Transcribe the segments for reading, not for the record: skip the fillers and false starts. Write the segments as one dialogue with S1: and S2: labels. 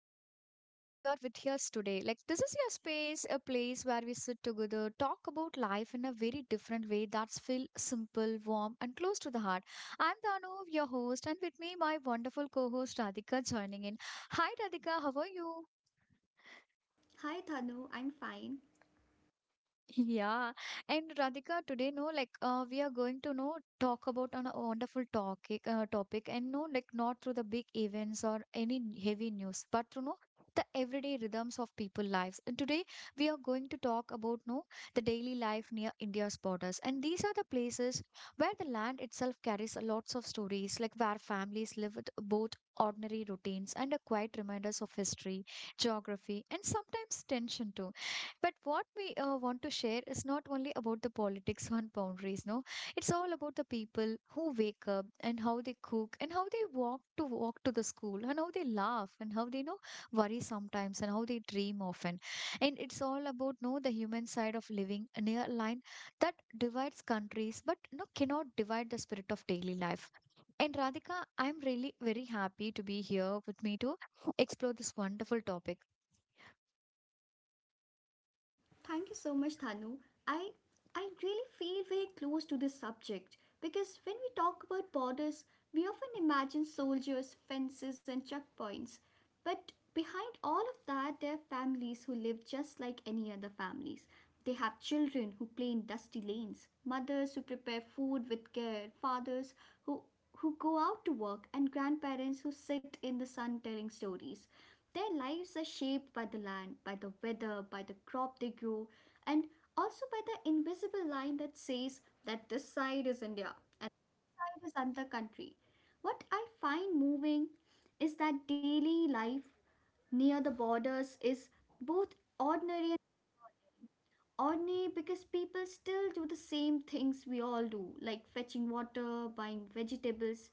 S1: really so glad you are with us today. Like this is your space, a place where we sit together, talk about life in a very different way that's feel simple, warm and close to the heart. I'm Danu, your host, and with me my wonderful co-host Radhika joining in. Hi Radhika, how are you?
S2: Hi Thanu, I'm fine.
S1: Yeah, and Radhika, today, no, like, we are going to know talk about on a wonderful topic, and no, like, not through the big events or any heavy news, but through no the everyday rhythms of people lives. And today, we are going to talk about no the daily life near India's borders, and these are the places where the land itself carries a lots of stories, like where families live with both ordinary routines and a quiet reminders of history, geography, and sometimes tension too. But what we want to share is not only about the politics on boundaries, no. It's all about the people who wake up and how they cook and how they walk to the school and how they laugh and how they worry sometimes and how they dream often. And it's all about no the human side of living near line that divides countries but no cannot divide the spirit of daily life. And Radhika, I'm really very happy to be here with me to explore this wonderful topic.
S2: Thank you so much Thanu. I I really feel very close to this subject because when we talk about borders, we often imagine soldiers, fences and checkpoints. But behind all of that there are families who live just like any other families. They have children who play in dusty lanes, mothers who prepare food with care, fathers who who go out to work and grandparents who sit in the sun telling stories. Their lives are shaped by the land, by the weather, by the crop they grow, and also by the invisible line that says that this side is India and this side is another country. What I find moving is that daily life near the borders is both ordinary and ordinary because people still do the same things we all do, like fetching water, buying vegetables,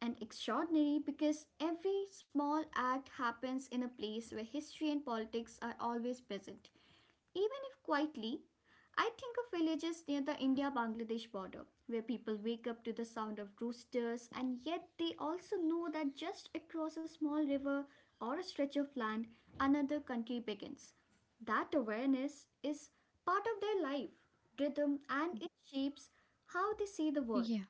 S2: and extraordinary because every small act happens in a place where history and politics are always present, even if quietly. I think of villages near the India Bangladesh border where people wake up to the sound of roosters and yet they also know that just across a small river or a stretch of land, another country begins. That awareness is part of their life, rhythm, and it shapes how they see the world.
S1: Yeah.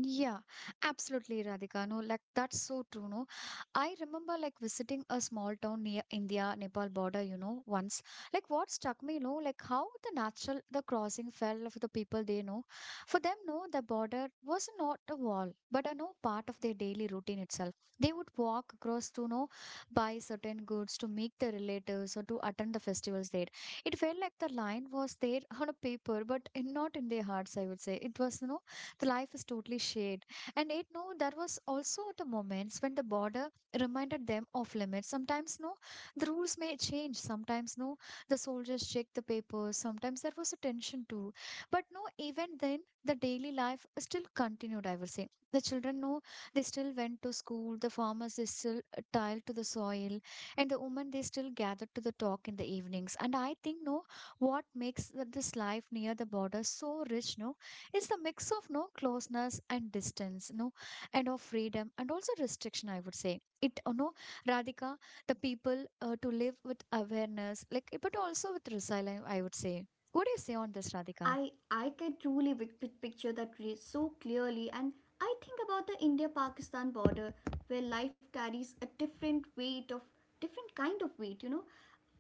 S1: Yeah, absolutely, Radhika. No, like that's so true. No, I remember like visiting a small town near India Nepal border, once. Like what struck me, like how the crossing fell for the people they know. For them, no, the border was not a wall, but a no part of their daily routine itself. They would walk across to know buy certain goods to meet their relatives or to attend the festivals there. It felt like the line was there on a paper, but not in their hearts, I would say. It was. The life is totally shared. And it no, there was also the moments when the border reminded them of limits. Sometimes no, the rules may change. Sometimes no, the soldiers check the papers. Sometimes there was a tension too. But no, even then the daily life still continued, I would say. The children no, they still went to school, the farmers they still tiled to the soil, and the women they still gathered to the talk in the evenings. And I think no, what makes this life near the border so rich no, it's the mix of no closeness and distance no, and of freedom and also restriction, I would say it Radhika. The people to live with awareness like but also with resilience, I would say. What do you say on this, Radhika?
S2: I can truly picture that so clearly, and I think about the India-Pakistan border where life carries a different kind of weight. You know,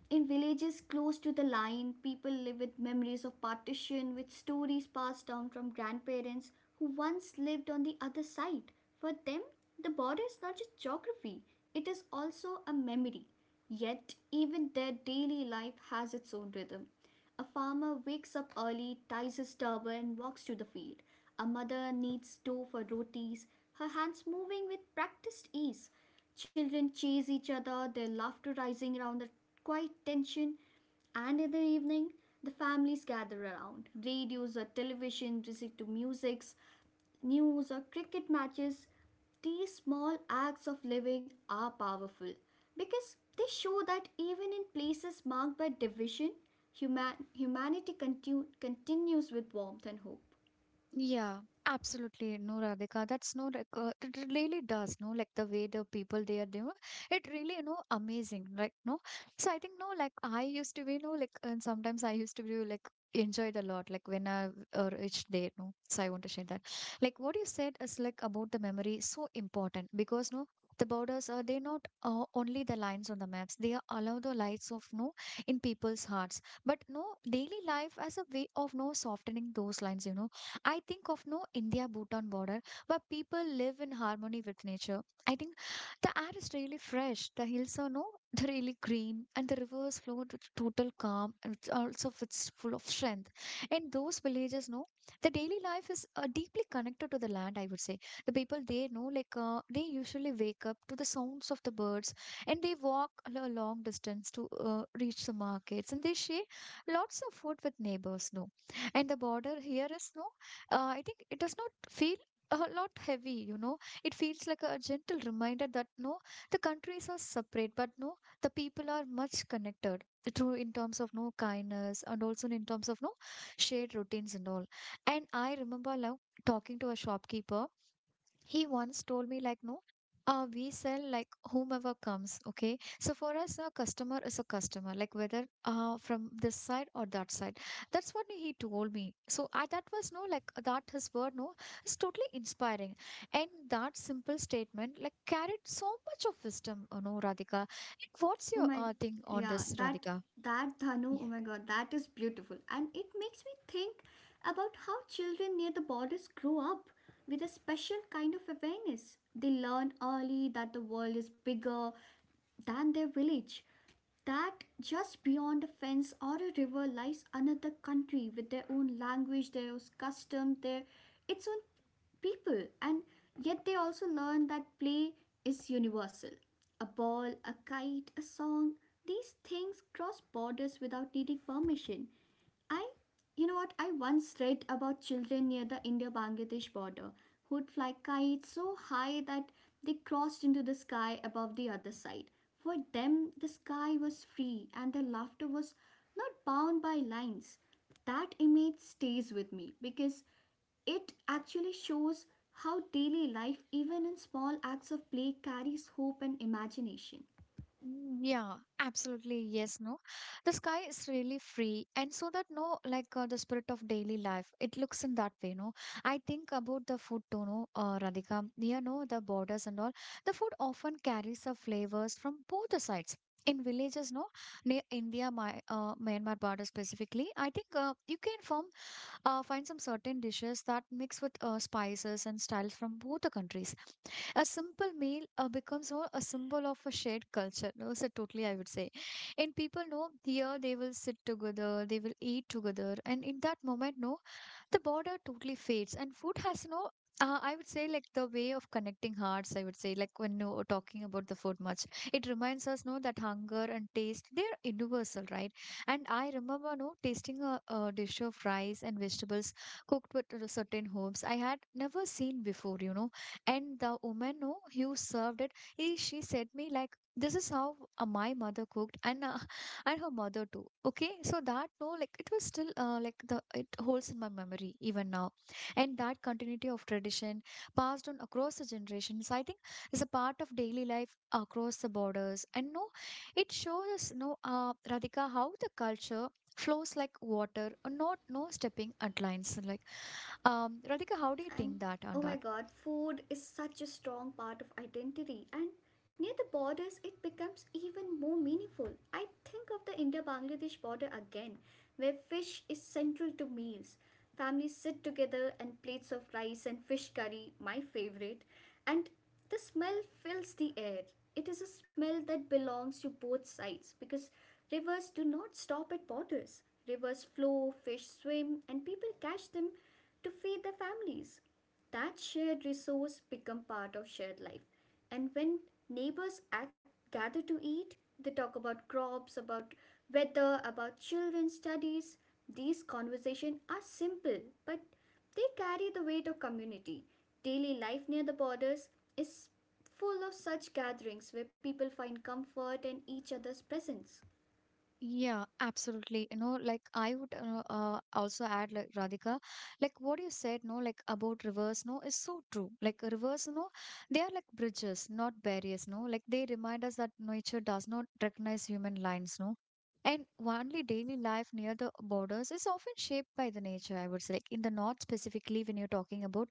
S2: in villages close to the line, people live with memories of partition, with stories passed down from grandparents who once lived on the other side. For them, the border is not just geography, it is also a memory. Yet, even their daily life has its own rhythm. A farmer wakes up early, ties his turban, and walks to the field. A mother kneads dough for rotis, her hands moving with practiced ease. Children chase each other, their laughter rising around the quiet tension, and in the evening, the families gather around radios or television, listen to musics, news or cricket matches. These small acts of living are powerful because they show that even in places marked by division, humanity continues with warmth and hope.
S1: Yeah, absolutely. No, Radhika, that's no like it really does. No, like the way the people they are doing, it really amazing. Like no, so I think no, like I used to be no like and sometimes I used to be like enjoyed a lot. Like when I or each day no, so I want to share that. Like what you said is like about the memory so important because no. The borders are they not only the lines on the maps. They are allow the lights of no in people's hearts. But no daily life as a way of no softening those lines. You know I think of no India Bhutan border where people live in harmony with nature. I think the air is really fresh. The hills are no, they're really green, and the rivers flow with total calm, and it's also it's full of strength. In those villages, no, the daily life is deeply connected to the land. I would say the people they know, like they usually wake up to the sounds of the birds, and they walk a long distance to reach the markets, and they share lots of food with neighbors. No, and the border here is no, I think it does not feel a lot heavy, you know. It feels like a gentle reminder that no, the countries are separate, but no, the people are much connected. Through in terms of no kindness and also in terms of no shared routines and all. And I remember now talking to a shopkeeper he once told me, like, no, we sell like whomever comes, okay? So for us, a customer is a customer, like whether from this side or that side. That's what he told me. So that was no, like, that his word, no, it's totally inspiring. And that simple statement, like, carried so much of wisdom, Radhika. What's
S2: Oh
S1: your
S2: my,
S1: thing on
S2: yeah,
S1: this,
S2: that
S1: Radhika?
S2: that Dhanu, oh my God, that is beautiful, and it makes me think about how children near the borders grow up with a special kind of awareness. They learn early that the world is bigger than their village, that just beyond a fence or a river lies another country with their own language, their own custom, their its own people, and yet they also learn that play is universal. A ball, a kite, a song, these things cross borders without needing permission. I, you know what, I once read about children near the India Bangladesh border who'd fly kites so high that they crossed into the sky above the other side. For them, the sky was free and their laughter was not bound by lines. That image stays with me because it actually shows how daily life, even in small acts of play, carries hope and imagination.
S1: Mm, yeah, absolutely. Yes, no. The sky is really free, and so that no, like the spirit of daily life, it looks in that way. No, I think about the food too. No, Radhika, you know the borders and all. The food often carries the flavors from both the sides. In villages, no, near India, my Myanmar border specifically, I think you can form find some certain dishes that mix with spices and styles from both the countries, a simple meal becomes more a symbol of a shared culture, no, so totally I would say. And people know here, they will sit together, they will eat together, and in that moment no, the border totally fades, and food has no, I would say, like the way of connecting hearts, I would say. Like when you're talking about the food much, it reminds us no that hunger and taste they're universal, right? And I remember no tasting a dish of rice and vegetables cooked with certain herbs, I had never seen before, you know. And the woman no who served it, she said me like, this is how my mother cooked, and her mother too, okay? So that no like it was still like, the it holds in my memory even now. And that continuity of tradition passed on across the generations, I think, is a part of daily life across the borders. And no, it shows us no, Radhika, how the culture flows like water, not no stepping at lines, like, Radhika, how do you
S2: And
S1: think that on
S2: oh my
S1: that?
S2: god, food is such a strong part of identity, and near the borders it becomes even more meaningful. I think of the India Bangladesh border again, where fish is central to meals. Families sit together and plates of rice and fish curry, my favorite, and the smell fills the air. It is a smell that belongs to both sides because rivers do not stop at borders. Rivers flow, fish swim, and people catch them to feed their families. That shared resource become part of shared life. And when neighbors act, gather to eat, they talk about crops, about weather, about children's studies. These conversations are simple, but they carry the weight of community. Daily life near the borders is full of such gatherings where people find comfort in each other's presence.
S1: Yeah, absolutely. You know, like I would also add, like Radhika, like what you said, no, like about rivers, no, is so true. Like rivers, no, they are like bridges, not barriers, no. Like they remind us that nature does not recognize human lines, no. And only daily life near the borders is often shaped by the nature, I would say. Like in the north specifically, when you're talking about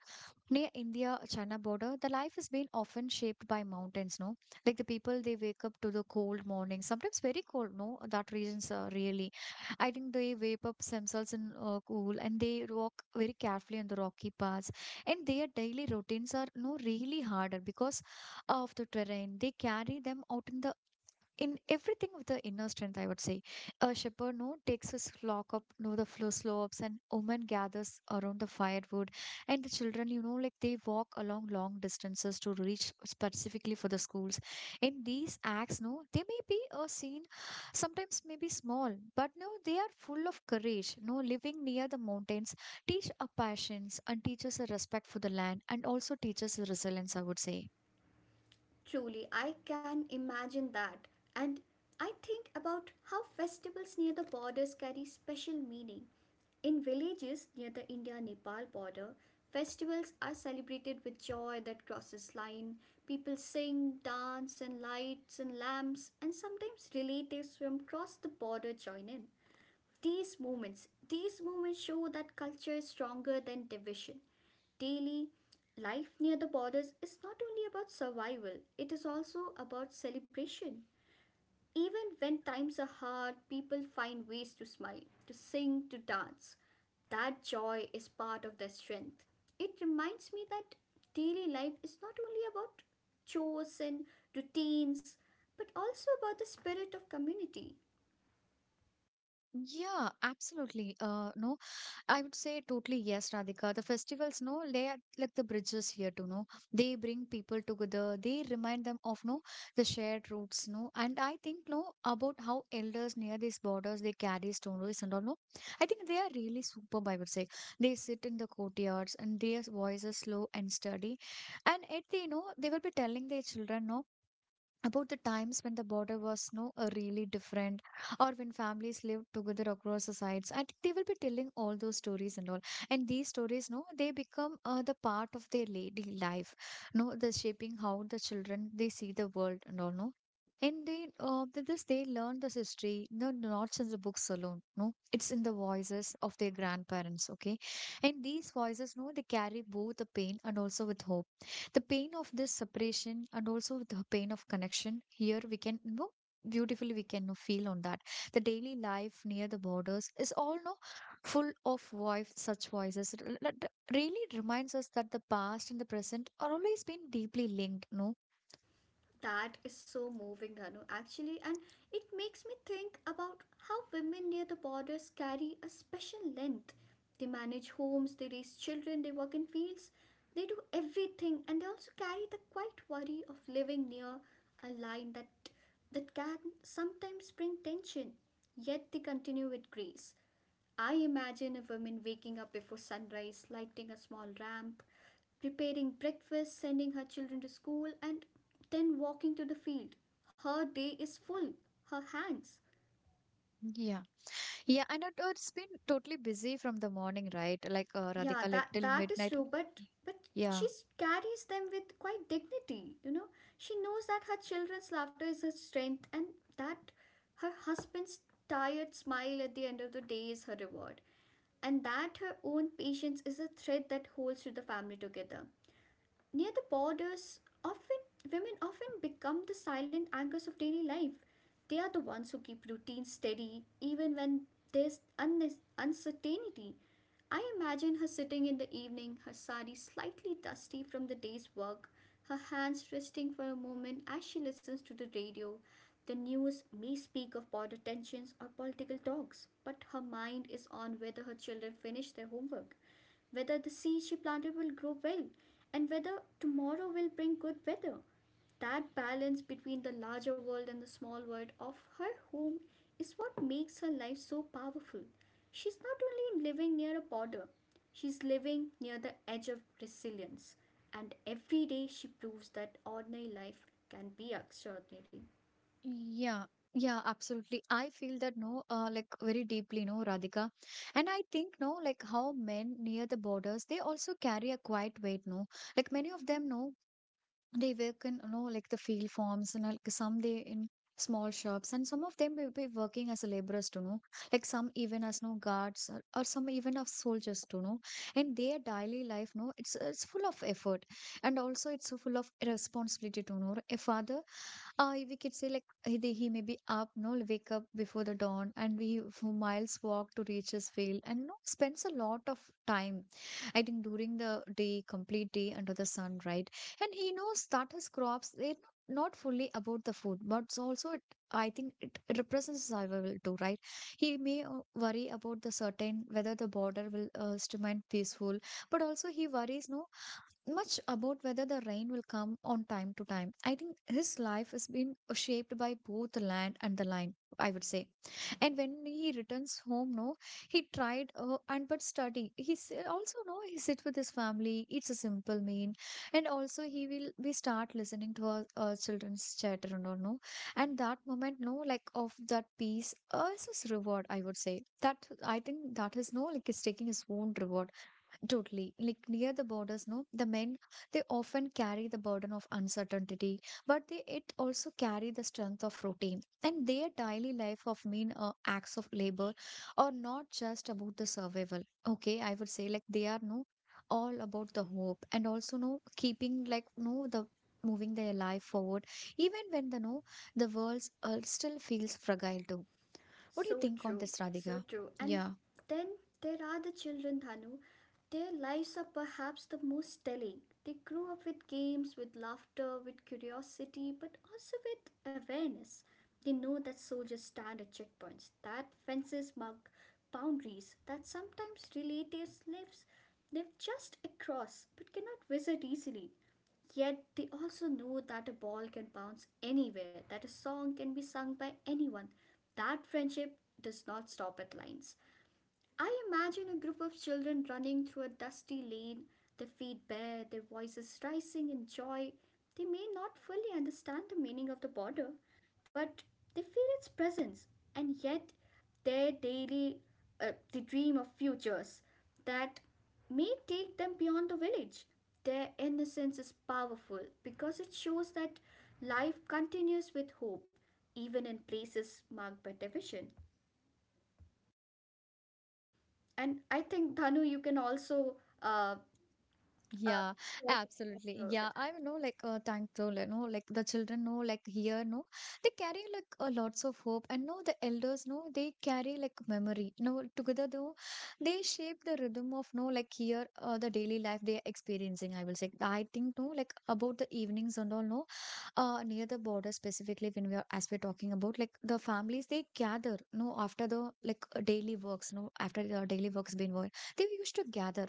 S1: near India China border, the life has been often shaped by mountains, no? Like the people, they wake up to the cold morning, sometimes very cold, no? That regions are really. I think they wake up themselves in cool and they walk very carefully on the rocky paths. And their daily routines are no really harder because of the terrain. They carry them out in everything with the inner strength, I would say. A shepherd no takes his flock up no the flow slopes, and woman gathers around the firewood, and the children, like they walk along long distances to reach specifically for the schools. In these acts, no, they may be a scene sometimes maybe small, but no, they are full of courage. No, living near the mountains teach a patience and teaches a respect for the land and also teaches a resilience, I would say.
S2: Truly, I can imagine that. And I think about how festivals near the borders carry special meaning. In villages near the India Nepal border, festivals are celebrated with joy that crosses line. People sing, dance, and lights and lamps, and sometimes relatives from across the border join in. These moments show that culture is stronger than division. Daily life near the borders is not only about survival, it is also about celebration. Even when times are hard, people find ways to smile, to sing, to dance. That joy is part of their strength. It reminds me that daily life is not only about chores and routines, but also about the spirit of community.
S1: Yeah, absolutely. No, I would say totally yes, Radhika. The festivals, no, they are like the bridges here to know. They bring people together. They remind them of no the shared roots, no. And I think no about how elders near these borders they carry stories and all. No, I think they are really superb. I would say they sit in the courtyards and their voices slow and steady, and it, the you know they will be telling their children, no, about the times when the border was, no, really different, or when families lived together across the sides. I think they will be telling all those stories and all, and these stories, no, they become the part of their lady life, no, the shaping how the children they see the world and all, no. And they th- this they learn this history, no, not in the books alone, no, it's in the voices of their grandparents. Okay, and these voices, no, they carry both the pain and also with hope, the pain of this separation and also the pain of connection. Here we can, beautifully we can, feel on that. The daily life near the borders is all, no, full of voice, such voices. It really reminds us that the past and the present are always been deeply linked, no.
S2: That is so moving, Anu, actually, and it makes me think about how women near the borders carry a special length. They manage homes, they raise children, they work in fields, they do everything, and they also carry the quiet worry of living near a line that can sometimes bring tension. Yet they continue with grace. I imagine a woman waking up before sunrise, lighting a small lamp, preparing breakfast, sending her children to school, and then walking to the field. Her day is full. Her hands.
S1: Yeah. Yeah, and it's been totally busy from the morning, right? Like,
S2: Yeah,
S1: Radhika,
S2: that
S1: till
S2: that is
S1: midnight.
S2: true, but
S1: Yeah.
S2: she carries them with quite dignity, you know. She knows that her children's laughter is her strength and that her husband's tired smile at the end of the day is her reward. And that her own patience is a thread that holds to the family together. Near the borders, often women often become the silent anchors of daily life. They are the ones who keep routines steady even when there's un uncertainty. I imagine her sitting in the evening, her sari slightly dusty from the day's work, her hands resting for a moment as she listens to the radio. The news may speak of border tensions or political talks, but her mind is on whether her children finish their homework, whether the seeds she planted will grow well, and whether tomorrow will bring good weather. That balance between the larger world and the small world of her home is what makes her life so powerful. She's not only living near a border, she's living near the edge of resilience. And every day she proves that ordinary life can be extraordinary.
S1: Yeah, yeah, absolutely. I feel that, no, like very deeply, no, Radhika. And I think, no, like how men near the borders, they also carry a quiet weight, no. Like many of them, no, they work in, no, like the field farms, and like some they in small shops, and some of them will be working as laborers, to know, like some even as, no, guards, or some even as soldiers, to know. And their daily life, no, it's full of effort, and also it's full of responsibility. To know, a father, we could say like he maybe up, no, wake up before the dawn, and we who miles walk to reach his field, and you know, spends a lot of time. I think during the day, complete day under the sun, right? And he knows that his crops, they're not fully about the food, but it's also I think it represents survival too, right? He may worry about the certain whether the border will remain peaceful, but also he worries, no, much about whether the rain will come on time to time. I think his life has been shaped by both the land and the line, I would say. And when he returns home, no, he tried and but study. He's also, no, he sit with his family. It's a simple mean, and also he will we start listening to our, children's chatter and all, no. And that moment, no, like of that peace, is his reward. I would say that, I think that is, no, like he's taking his own reward. Totally. Like near the borders, no, the men they often carry the burden of uncertainty, but they it also carry the strength of routine. And their daily life of mean, acts of labor are not just about the survival. Okay, I would say like they are, no, all about the hope, and also, no, keeping, like, no, the moving their life forward, even when the, no, the world still feels fragile too. What do you
S2: So
S1: think on
S2: true,
S1: this,
S2: so
S1: Radhika?
S2: true. And
S1: Yeah.
S2: then there are the children, Dhanu. Their lives are perhaps the most telling. They grew up with games, with laughter, with curiosity, but also with awareness. They know that soldiers stand at checkpoints, that fences mark boundaries, that sometimes relatives lives live just across but cannot visit easily. Yet they also know that a ball can bounce anywhere, that a song can be sung by anyone. That friendship does not stop at lines. I imagine a group of children running through a dusty lane, their feet bare, their voices rising in joy. They may not fully understand the meaning of the border, but they feel its presence, and yet their daily they dream of futures that may take them beyond the village. Their innocence is powerful because it shows that life continues with hope, even in places marked by division. And I think Dhanu, you can also uh, uh,
S1: Yeah,
S2: share some points
S1: absolutely.
S2: with
S1: Yeah,
S2: that.
S1: I know, like, thankful, you know, like the children know, like, here, no, they carry like lots of hope, and no, the elders know they carry like memory. No, together, though, they shape the rhythm of, no, like, here, the daily life they are experiencing. I will say, I think, no, like, about the evenings and all, no, near the border specifically, when we are as we're talking about, like, the families they gather, no, after the like daily works, no, after the daily works been over, they used to gather,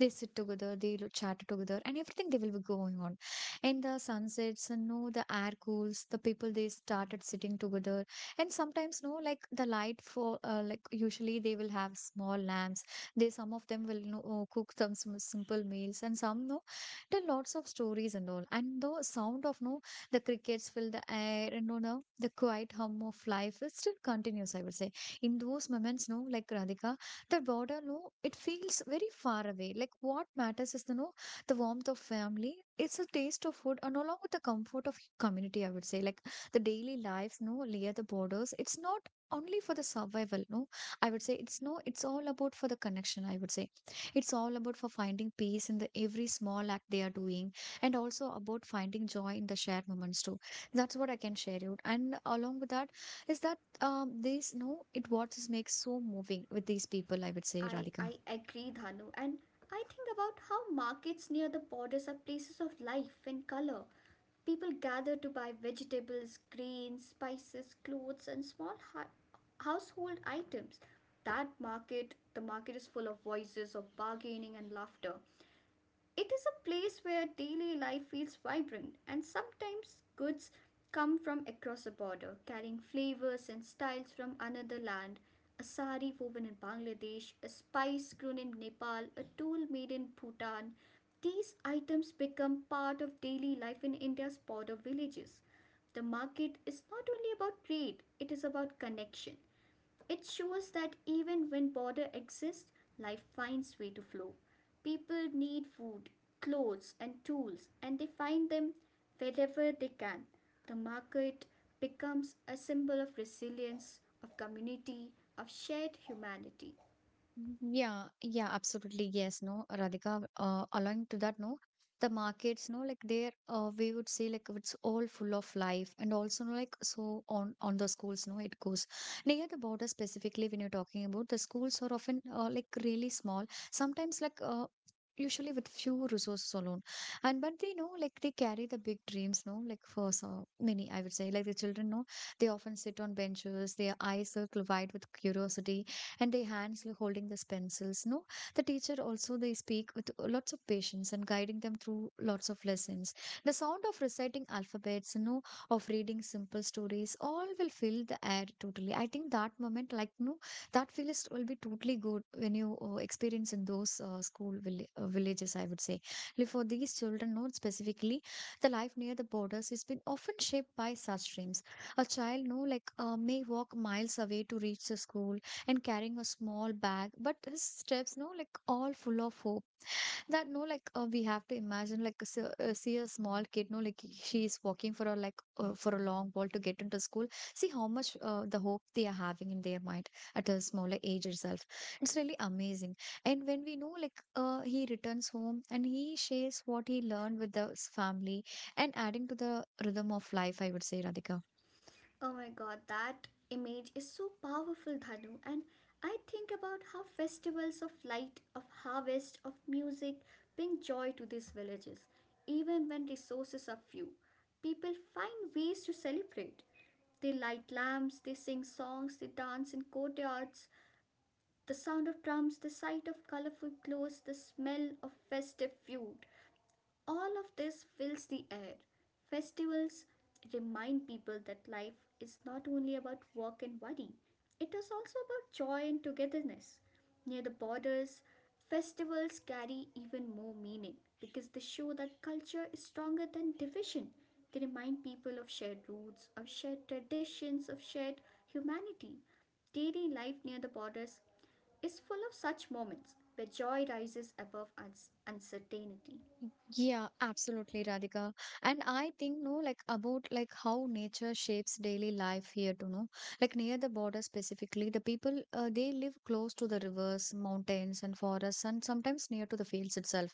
S1: they sit together, they chat together, and everything they will be going on. And the sunsets, and no, the air cools, the people they started sitting together, and sometimes, no, like the light for, like usually they will have small lamps. They, some of them will, you know, cook some simple meals, and some, no, tell lots of stories and all. And the sound of, no, the crickets fill the air, and no, the quiet hum of life is still continues. I would say, in those moments, no, like, Radhika, the border, no, it feels very far away. Like what matters is the, no, the warmth of family, it's a taste of food, and along with the comfort of community. I would say, like, the daily lives, no, near the borders, it's not only for the survival, no. I would say it's, no, it's all about for the connection, I would say. It's all about for finding peace in the every small act they are doing, and also about finding joy in the shared moments too. That's what I can share you, and along with that is that, these, no, it what just makes so moving with these people, I would say,
S2: I
S1: Radhika.
S2: I agree, Dhanu, and I think about how markets near the borders are places of life and color. People gather to buy vegetables, grains, spices, clothes, and small household items. The market is full of voices of bargaining and laughter. It is a place where daily life feels vibrant, and sometimes goods come from across the border, carrying flavors and styles from another land. A sari woven in Bangladesh, a spice grown in Nepal, a tool made in Bhutan. These items become part of daily life in India's border villages. The market is not only about trade, it is about connection. It shows that even when border exists, life finds way to flow. People need food, clothes and tools and they find them wherever they can. The market becomes a symbol of resilience, of community, of shared humanity.
S1: Mm-hmm. Yeah, yeah, absolutely. Yes, no, Radhika, along to that, no, the markets, no, like there, we would say like it's all full of life, and also, no, like so on the schools, no, it goes near the border specifically. When you're talking about the schools, are often like really small, sometimes like, usually with few resources alone, and but they know like they carry the big dreams, no, like for so many. I would say like the children, no, they often sit on benches, their eyes circle wide with curiosity, and their hands like holding these pencils, no. The teacher also, they speak with lots of patience and guiding them through lots of lessons. The sound of reciting alphabets, you know, of reading simple stories, all will fill the air totally. I think that moment like, no, that feel is will be totally good when you experience in those school villages, I would say. Like, for these children, no, specifically, the life near the borders has been often shaped by such dreams. A child, no, like, may walk miles away to reach the school, and carrying a small bag, but his steps, no, like all full of hope. That, no, like, we have to imagine like see a small kid, no, like she is walking for a like, for a long walk to get into school. See how much, the hope they are having in their mind at a smaller age itself. It's really amazing. And when we know like, he returns home and he shares what he learned with the family, and adding to the rhythm of life, I would say, Radhika.
S2: Oh my god, that image is so powerful, Dhanu. And I think about how festivals of light, of harvest, of music bring joy to these villages. Even when resources are few, people find ways to celebrate. They light lamps, they sing songs, they dance in courtyards. The sound of drums, the sight of colorful clothes, the smell of festive food. All of this fills the air. Festivals remind people that life is not only about work and worry, it is also about joy and togetherness. Near the borders, festivals carry even more meaning because they show that culture is stronger than division. They remind people of shared roots, of shared traditions, of shared humanity. Daily life near the borders is full of such moments where joy rises above uncertainty.
S1: Yeah, absolutely, Radhika. And I think, no, like about like how nature shapes daily life here too, no? Like near the border specifically, the people they live close to the rivers, mountains, and forests, and sometimes near to the fields itself.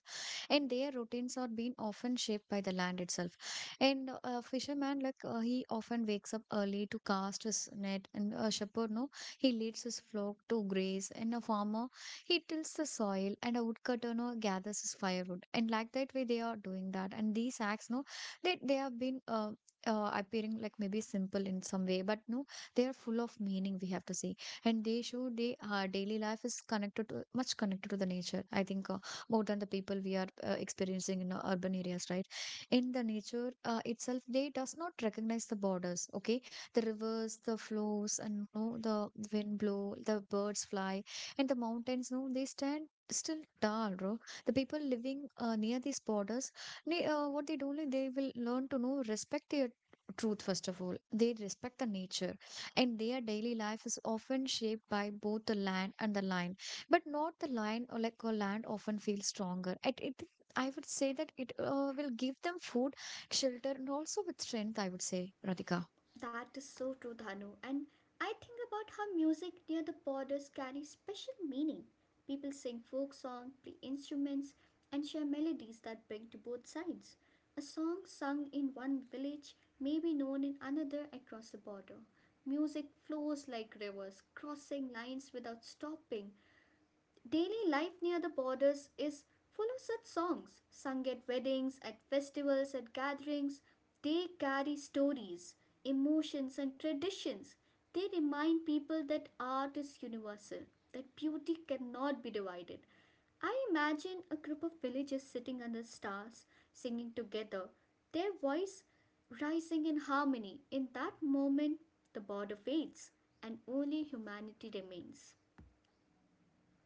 S1: And their routines are being often shaped by the land itself. And a fisherman, like, he often wakes up early to cast his net, and a shepherd, no, he leads his flock to graze, and a farmer, he tills the soil, and a woodcutter, no, gathers his firewood, and like that way they are doing that. And these acts, no, they have been appearing like maybe simple in some way, but no, they are full of meaning, we have to say. And they show they our daily life is connected to, much connected to the nature. I think more than the people we are experiencing in urban areas, right? In the nature itself, they does not recognize the borders. Okay, the rivers the flows, and you know, the wind blow, the birds fly, and the mountains, no, they stand still tall, bro. The people living near these borders, they, what they do like, they will learn to know respect their truth. First of all, they respect the nature. And their daily life is often shaped by both the land and the line. But not the line, or like a land often feels stronger. It, I would say that it will give them food, shelter, and also with strength, I would say, Radhika.
S2: That is so true, Dhanu. And I think about how music near the borders carries special meaning. People sing folk songs, play instruments, and share melodies that bring to both sides. A song sung in one village may be known in another across the border. Music flows like rivers, crossing lines without stopping. Daily life near the borders is full of such songs, sung at weddings, at festivals, at gatherings. They carry stories, emotions, and traditions. They remind people that art is universal, that beauty cannot be divided. I imagine a group of villagers sitting under stars, singing together, their voice rising in harmony. In that moment, the border fades, and only humanity remains.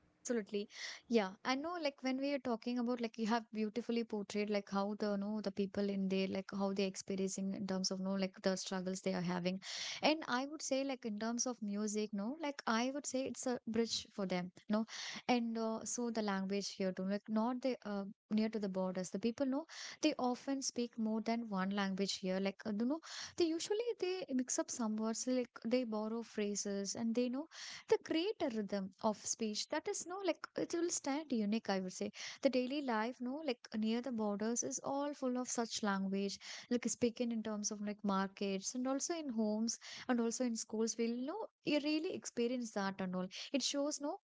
S1: Absolutely. Yeah. I know, like when we are talking about, like you have beautifully portrayed like how the, no, the people in there, like how they're experiencing in terms of, no, like the struggles they are having. And I would say like in terms of music, no, like I would say it's a bridge for them. No. And so the language here too, like not the, near to the borders. The people know they often speak more than one language here. Like they usually they mix up some words, like they borrow phrases and they know they create a rhythm of speech that is no like it will stand unique, I would say. The daily life, no, like near the borders is all full of such language, like speaking in terms of like markets and also in homes and also in schools, we'll know you really experience that. And all it shows, no,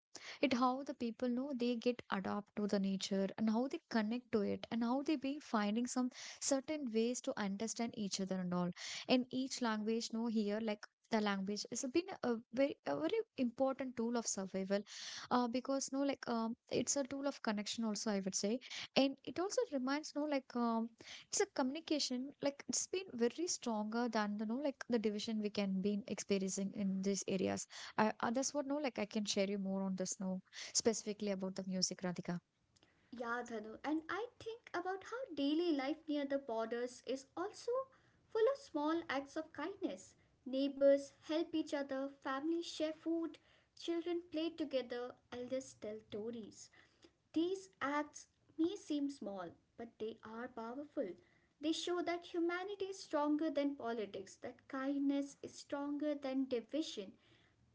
S1: it how the people know they get adapt to the nature and how they connect to it and how they be finding some certain ways to understand each other and all in each language, no, here like the language has been a very important tool of survival, because no like, it's a tool of connection also, I would say. And it also reminds, no, like it's a communication, like it's been very stronger than the no like the division we can be experiencing in these areas. That's what no like I can share you more on this, no, specifically about the music, Radhika.
S2: Yeah, Dhanu, and I think about how daily life near the borders is also full of small acts of kindness. Neighbors help each other, families share food, children play together, elders tell stories. These acts may seem small, but they are powerful. They show that humanity is stronger than politics, that kindness is stronger than division.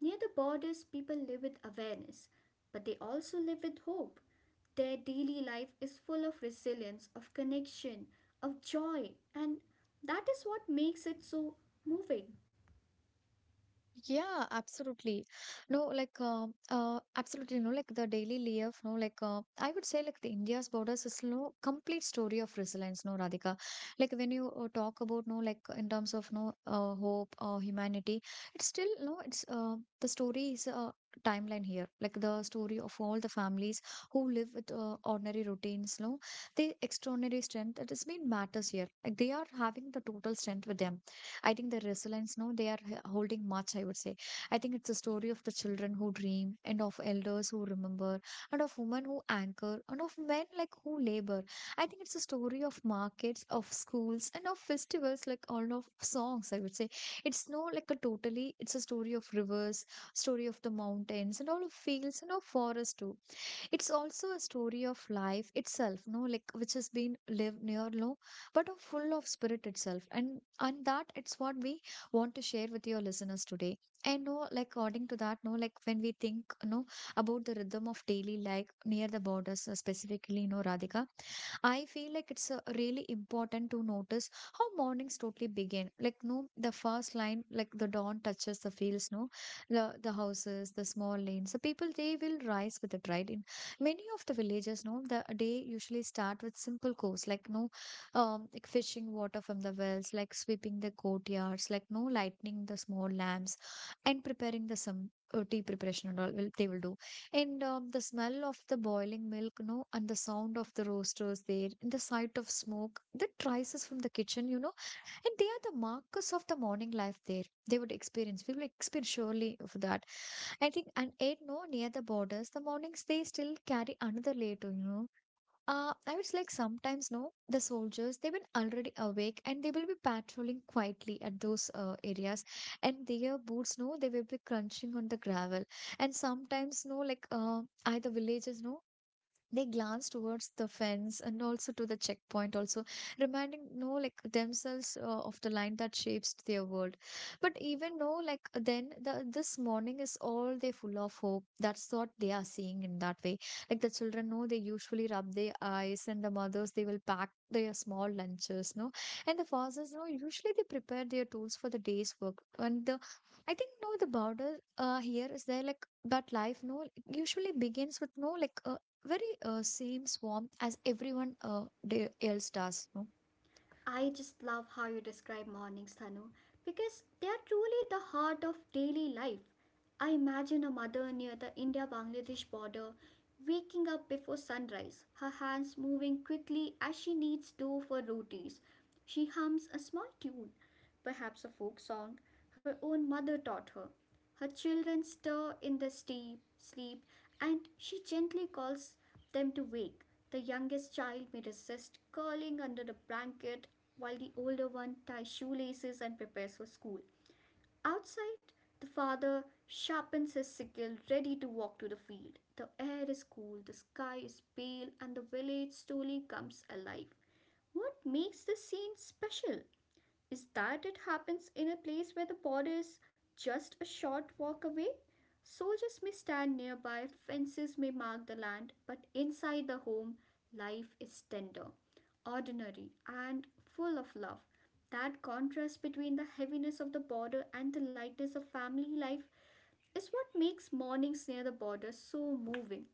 S2: Near the borders, people live with awareness, but they also live with hope. Their daily life is full of resilience, of connection, of joy, and that is what makes it so moving.
S1: Yeah, absolutely. No, like, absolutely. No, like the daily life. No, like, I would say, like, the India's borders is no complete story of resilience. No, Radhika. Like when you talk about no, like in terms of no, hope or humanity, it's still no. It's the story is timeline here like the story of all the families who live with ordinary routines, no, the extraordinary strength that has been matters here, like they are having the total strength with them. I think the resilience, no, they are holding much, I would say. I think it's a story of the children who dream and of elders who remember and of women who anchor and of men like who labor. I think it's a story of markets, of schools and of festivals, like all of songs, I would say. It's no like a totally, it's a story of rivers, story of the mountains and all of fields and of forests too. It's also a story of life itself, no, like which has been lived near low but of full of spirit itself. And that it's what we want to share with your listeners today. And no like according to that, no, like when we think no about the rhythm of daily life near the borders, specifically no, Radhika, I feel like it's really important to notice how mornings totally begin. Like, no, the first line, like the dawn touches the fields, no, the houses, the small lanes, the people they will rise with it, right? In many of the villages, no, the day usually start with simple chores, like no, like fishing water from the wells, like sweeping the courtyards, like no, lighting the small lamps, and preparing the some tea preparation and all will they will do. And the smell of the boiling milk, no, and the sound of the roasters there, and the sight of smoke that rises from the kitchen, you know, and they are the markers of the morning life there. They would experience, we will experience surely of that. I think, and eight, no, near the borders, the mornings they still carry another layer, to, you know, I was like, sometimes, no, the soldiers, they've been already awake and they will be patrolling quietly at those areas. And their boots, no, they will be crunching on the gravel. And sometimes, no, like, either villages, no, they glance towards the fence and also to the checkpoint also reminding no like themselves of the line that shapes their world. But even no like then the this morning is all they full of hope, that's what they are seeing in that way. Like the children know they usually rub their eyes and the mothers they will pack their small lunches, no, and the fathers no usually they prepare their tools for the day's work. And the I think no the border here is there like but life no usually begins with no like very same swarm as everyone else does, no?
S2: I just love how you describe mornings, Thanu, because they are truly the heart of daily life. I imagine a mother near the India Bangladesh border waking up before sunrise, her hands moving quickly as she kneads dough for rotis. She hums a small tune, perhaps a folk song her own mother taught her. Her children stir in the steep sleep, and she gently calls them to wake. The youngest child may resist, curling under the blanket while the older one ties shoelaces and prepares for school. Outside, the father sharpens his sickle, ready to walk to the field. The air is cool, the sky is pale, and the village slowly comes alive. What makes this scene special is that it happens in a place where the border is just a short walk away. Soldiers may stand nearby, fences may mark the land, but inside the home, life is tender, ordinary, and full of love. That contrast between the heaviness of the border and the lightness of family life is what makes mornings near the border so moving.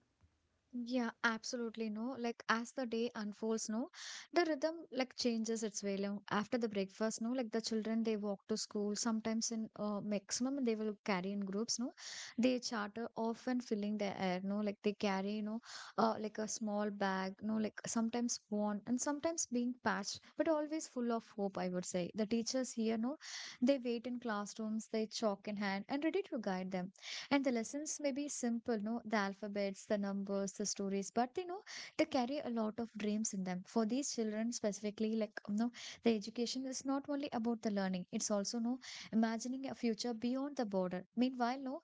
S1: Yeah, absolutely no. Like as the day unfolds, no, the rhythm like changes its way. Now, after the breakfast, no, like the children they walk to school. Sometimes in maximum they will carry in groups, no. They charter often filling the air, no, like they carry, you know, like a small bag, no, like sometimes worn and sometimes being patched, but always full of hope. I would say the teachers here, no, they wait in classrooms, they chalk in hand and ready to guide them. And the lessons may be simple, no, the alphabets, the numbers, the stories, but you know, they carry a lot of dreams in them. For these children specifically, like you know, the education is not only about the learning, it's also no imagining a future beyond the border. Meanwhile, no,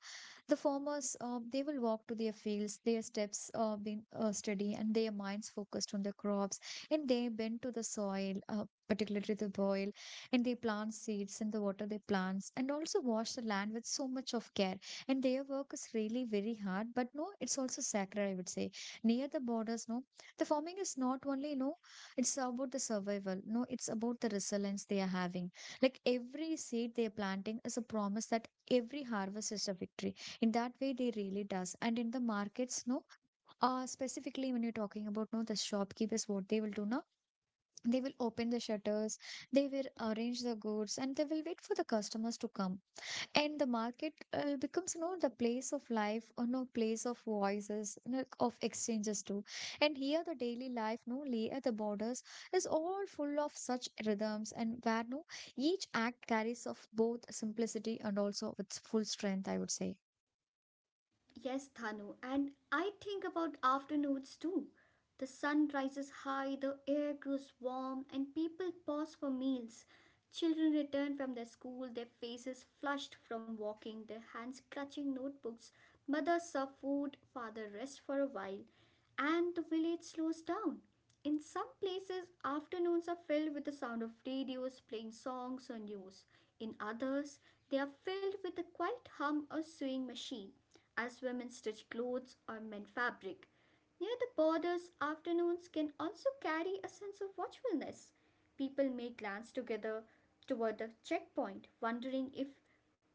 S1: the farmers, they will walk to their fields, their steps being steady and their minds focused on the crops, and they bend to the soil, particularly the soil, and they plant seeds and they water their plants, and also wash the land with so much of care. And their work is really very hard, but no, it's also sacred, I would say. Near the borders, no, the farming is not only, no, it's about the survival, no, it's about the resilience they are having. Like every seed they are planting is a promise, that every harvest is a victory in that way they really does. And in the markets, no, specifically when you're talking about no the shopkeepers what they will do now, they will open the shutters, they will arrange the goods and they will wait for the customers to come. And the market becomes, you know, the place of life or no place of voices, you know, of exchanges too. And here the daily life no lay at the borders is all full of such rhythms, and where no each act carries of both simplicity and also of its full strength, I would say.
S2: Yes, Thanu, and I think about afternoons too. The sun rises high, the air grows warm, and people pause for meals. Children return from their school, their faces flushed from walking, their hands clutching notebooks. Mothers serve food, father rests for a while, and the village slows down. In some places, afternoons are filled with the sound of radios playing songs or news. In others, they are filled with the quiet hum of sewing machine as women stitch clothes or mend fabric. Near the borders, afternoons can also carry a sense of watchfulness. People may glance together toward the checkpoint, wondering if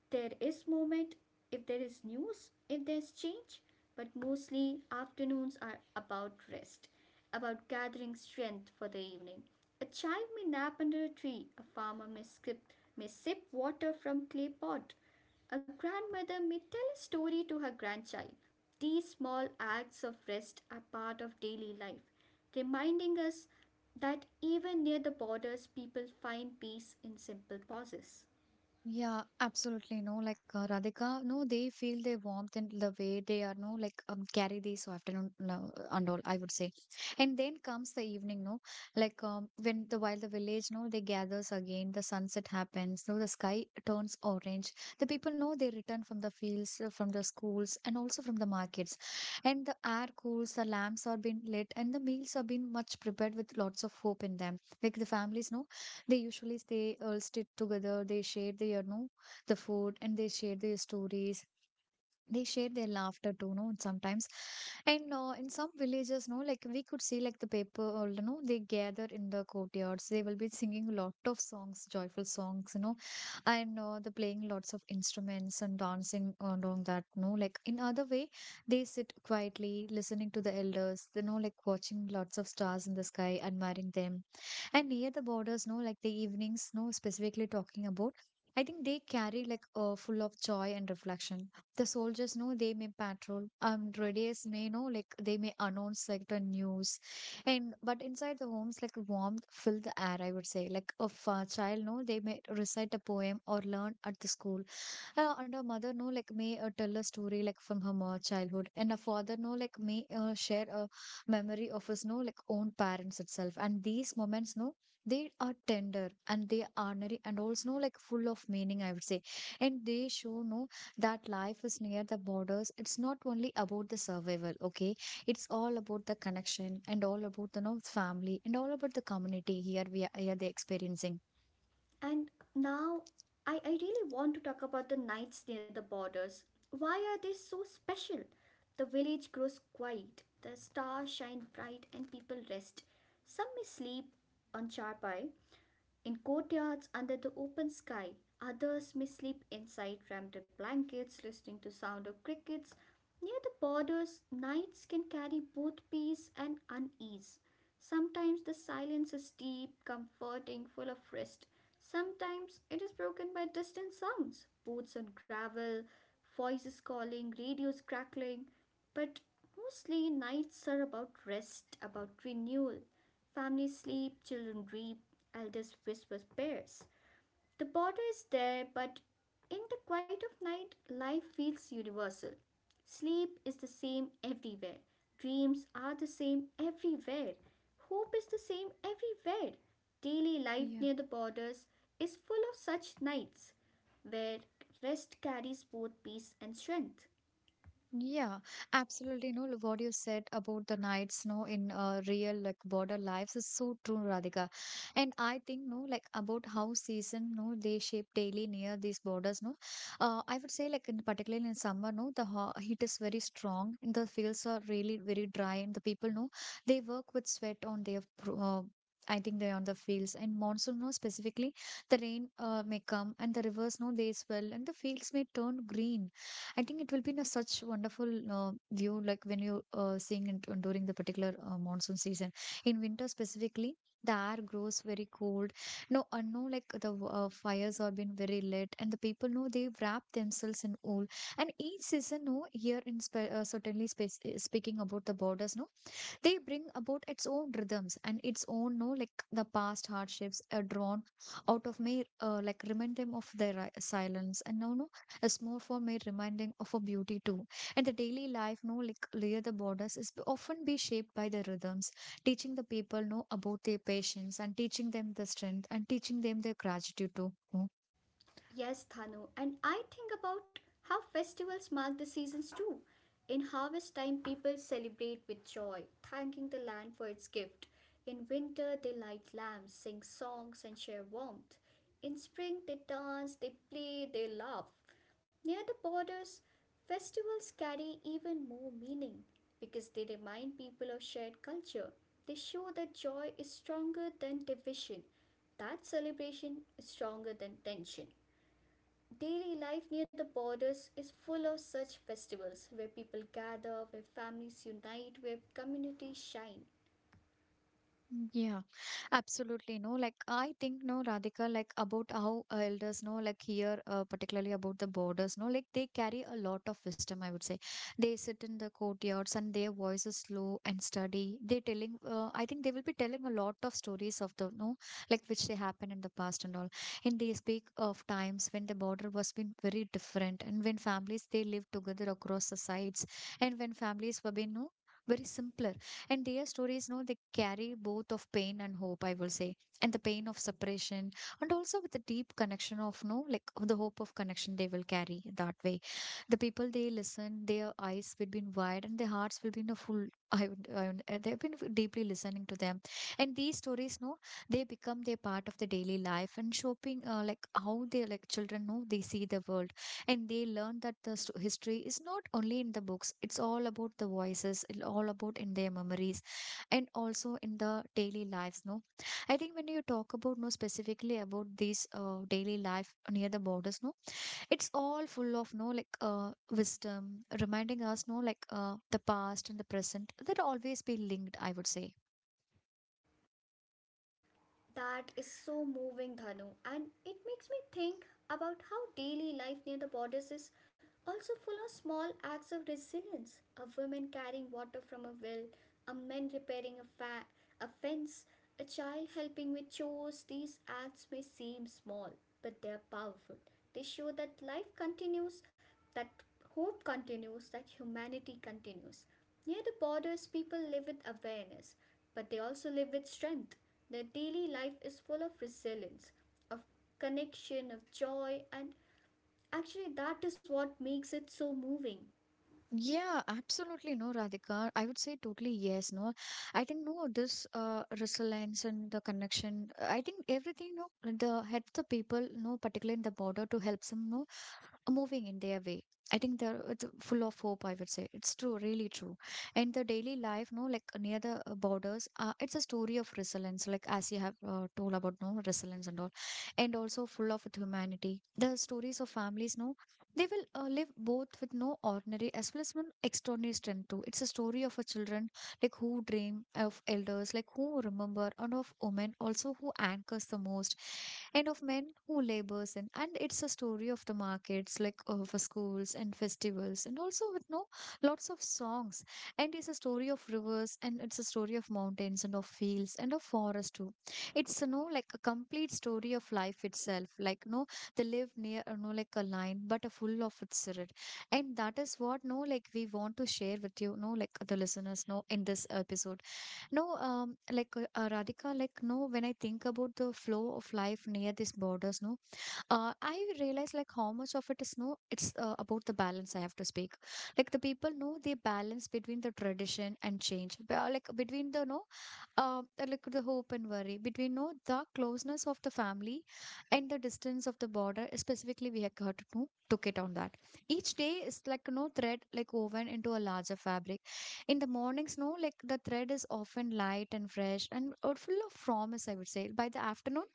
S2: there is movement, if there is news, if there's change, but mostly afternoons are about rest, about gathering strength for the evening. A child may nap under a tree, a farmer may skip, may sip water from clay pot, a grandmother may tell a story to her grandchild. These small acts of rest are part of daily life, reminding us that even near the borders, people find peace in simple pauses.
S1: Yeah, absolutely. No, like Radhika, no, they feel their warmth and the way they are, no, like carry this afternoon no, and all, I would say. And then comes the evening, no, like when the while the village, no, they gathers again, the sunset happens, no, the sky turns orange. The people know they return from the fields, from the schools, and also from the markets. And the air cools, the lamps are being lit, and the meals are being much prepared with lots of hope in them. Like the families, no, they usually stay all stick together. They share their, you know, the food and they share their stories. They share their laughter too, no, sometimes. And in some villages, no, like we could see like the people, you know, they gather in the courtyards. They will be singing a lot of songs, joyful songs, you know, and they're playing lots of instruments and dancing along that, no, like in other way, they sit quietly listening to the elders, you know, like watching lots of stars in the sky, admiring them. And near the borders no like the evenings no specifically talking about I think they carry like full of joy and reflection. The soldiers know they may patrol, radius may know like they may announce like the news. And but inside the homes like warmth fill the air, I would say, like of a child, no, they may recite a poem or learn at the school. And our mother, no, like may tell a story like from her childhood, and our father, no, like may share a memory of his, no, like own parents itself. And these moments, no, they are tender and they are honorary and also, no, like full of meaning, I would say. And they show, no, that life is near the borders. It's not only about the survival, okay? It's all about the connection and all about the, no, family and all about the community here we are, here they're experiencing.
S2: And now I really want to talk about the nights near the borders. Why are they so special? The village grows quiet, the stars shine bright, and people rest. Some may sleep on charpai, in courtyards under the open sky, others may sleep inside wrapped in blankets, listening to sound of crickets. Near the borders, nights can carry both peace and unease. Sometimes the silence is deep, comforting, full of rest. Sometimes it is broken by distant sounds, boots on gravel, voices calling, radios crackling. But mostly nights are about rest, about renewal. Families sleep, children dream, Aldous whispers Pears. The border is there, but in the quiet of night, life feels universal. Sleep is the same everywhere. Dreams are the same everywhere. Hope is the same everywhere. Daily life
S1: Yeah.
S2: near the borders is full of such nights where rest carries both peace and strength.
S1: Yeah, absolutely. You know what you said about the nights, no, in real like border lives is so true, Radhika. And I think, no, like about how season, no, they shape daily near these borders, no. I would say, like in, particularly in summer, no, the ho heat is very strong. And The fields are really very dry, and the people, no, they work with sweat on their. I think they're on the fields. And monsoon, no, specifically the rain may come and the rivers, no, they swell and the fields may turn green. I think it will be in a such wonderful view, like when you seeing it during the particular monsoon season. In winter specifically, the air grows very cold. No, I know like the fires have been very lit, and the people know they wrap themselves in wool. And each season, no, here in certainly space, speaking about the borders, no, they bring about its own rhythms and its own, no, like the past hardships are drawn out of me, like remind them of their silence and no a small form may remind them of a beauty too. And the daily life, no, like near the borders is often be shaped by the rhythms, teaching the people, no, about their patience and teaching them the strength and teaching them their gratitude too. No?
S2: Yes, Thanu, and I think about how festivals mark the seasons too. In harvest time, people celebrate with joy, thanking the land for its gift. In winter, they light lamps, sing songs, and share warmth. In spring, they dance, they play, they laugh. Near the borders, festivals carry even more meaning because they remind people of shared culture. They show that joy is stronger than division, that celebration is stronger than tension. Daily life near the borders is full of such festivals where people gather, where families unite, where communities shine.
S1: Yeah, absolutely. No, like I think, no, Radhika, like about how elders know, like here, particularly about the borders, no, like they carry a lot of wisdom, I would say. They sit in the courtyards and their voice is slow and steady. They telling, I think they will be telling a lot of stories of the, no, like which they happen in the past and all. And they speak of times when the border was been very different and when families they lived together across the sides, and when families were being, no, very simpler, and their stories, no, they carry both of pain and hope, I will say, and the pain of separation, and also with the deep connection of, no, like the hope of connection they will carry that way. The people they listen, their eyes will be wide and their hearts will be in a full. I would, they've been deeply listening to them, and these stories, no, they become their part of the daily life and shaping, like how they, like children, no, they see the world, and they learn that the history is not only in the books, it's all about the voices, it's all about in their memories, and also in the daily lives, no. I think when you talk about, no, specifically about these daily life near the borders, no, it's all full of, no, like wisdom reminding us, no, like the past and the present that always be linked, I would say.
S2: That is so moving, Dhanu, and it makes me think about how daily life near the borders is also full of small acts of resilience. A woman carrying water from a well, a man repairing a fence, a child helping with chores. These acts may seem small, but they are powerful. They show that life continues, that hope continues, that humanity continues. Near the borders, people live with awareness, but they also live with strength. Their daily life is full of resilience, of connection, of joy, and actually, that is what makes it so moving.
S1: Yeah, absolutely, no, Radhika. I would say totally yes. No, I think, no, this resilience and the connection. I think everything. No, the help the people. No, particularly in the border to help them. No, moving in their way. I think they're it's full of hope. I would say it's true, really true. And the daily life, no, like near the borders, it's a story of resilience. Like as you have told about no resilience and all, and also full of with humanity. The stories of families, no. They will live both with no ordinary as well as no extraordinary strength too. It's a story of a children like who dream of elders, like who remember, and of women also who anchors the most, and of men who labors in, and it's a story of the markets like for schools and festivals and also with no lots of songs, and it's a story of rivers and it's a story of mountains and of fields and of forest too. It's, you know, like a complete story of life itself, like no, they live near, you know, like a line but a full of its spirit. And that is what, no, like we want to share with you, no, like the listeners, no, in this episode. No, like Radhika, like no, when I think about the flow of life near these borders, no, I realize like how much of it is, no, it's about the balance I have to speak. Like the people know the balance between the tradition and change, like between the no uh, like the hope and worry, between no the closeness of the family and the distance of the border, specifically we have got to took it on that. Each day is like no thread like woven into a larger fabric. In the mornings, no, like the thread is often light and fresh and full of promise, I would say. By the afternoon,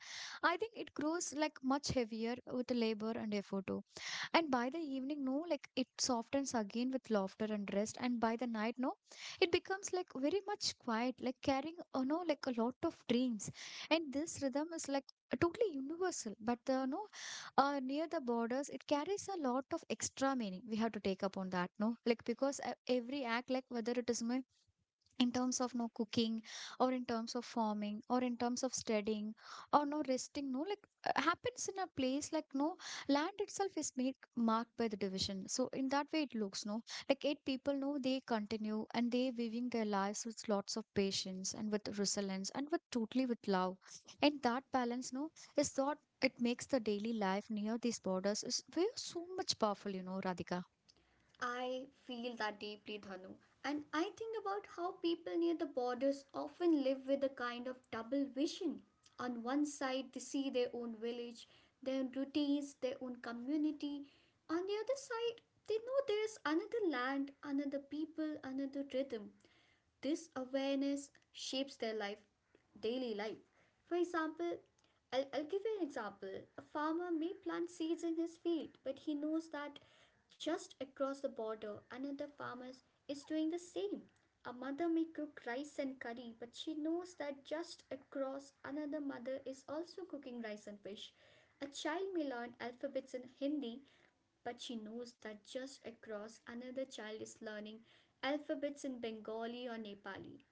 S1: I think it grows like much heavier with labor and effort too, and by the evening, no, like it softens again with laughter and rest. And by the night, no, it becomes like very much quiet, like carrying, you know, like a lot of dreams. And this rhythm is like totally universal, but the no, near the borders, it carries a lot of extra meaning. We have to take up on that, no, like because every act, like whether it is my in terms of no cooking or in terms of farming or in terms of studying or no resting, no, like happens in a place like no, land itself is made marked by the division, so in that way it looks, no, like eight people, no, they continue and they weaving their lives with lots of patience and with resilience and with totally with love. And that balance, no, is thought it makes the daily life near these borders is very so much powerful, you know, Radhika.
S2: I feel that deeply, Dhanu. And I think about how people near the borders often live with a kind of double vision. On one side, they see their own village, their own routines, their own community. On the other side, they know there is another land, another people, another rhythm. This awareness shapes their life, daily life. For example, I'll give you an example. A farmer may plant seeds in his field, but he knows that just across the border another farmer is doing the same. A mother may cook rice and curry, but she knows that just across another mother is also cooking rice and fish. A child may learn alphabets in Hindi, but she knows that just across another child is learning alphabets in Bengali or Nepali.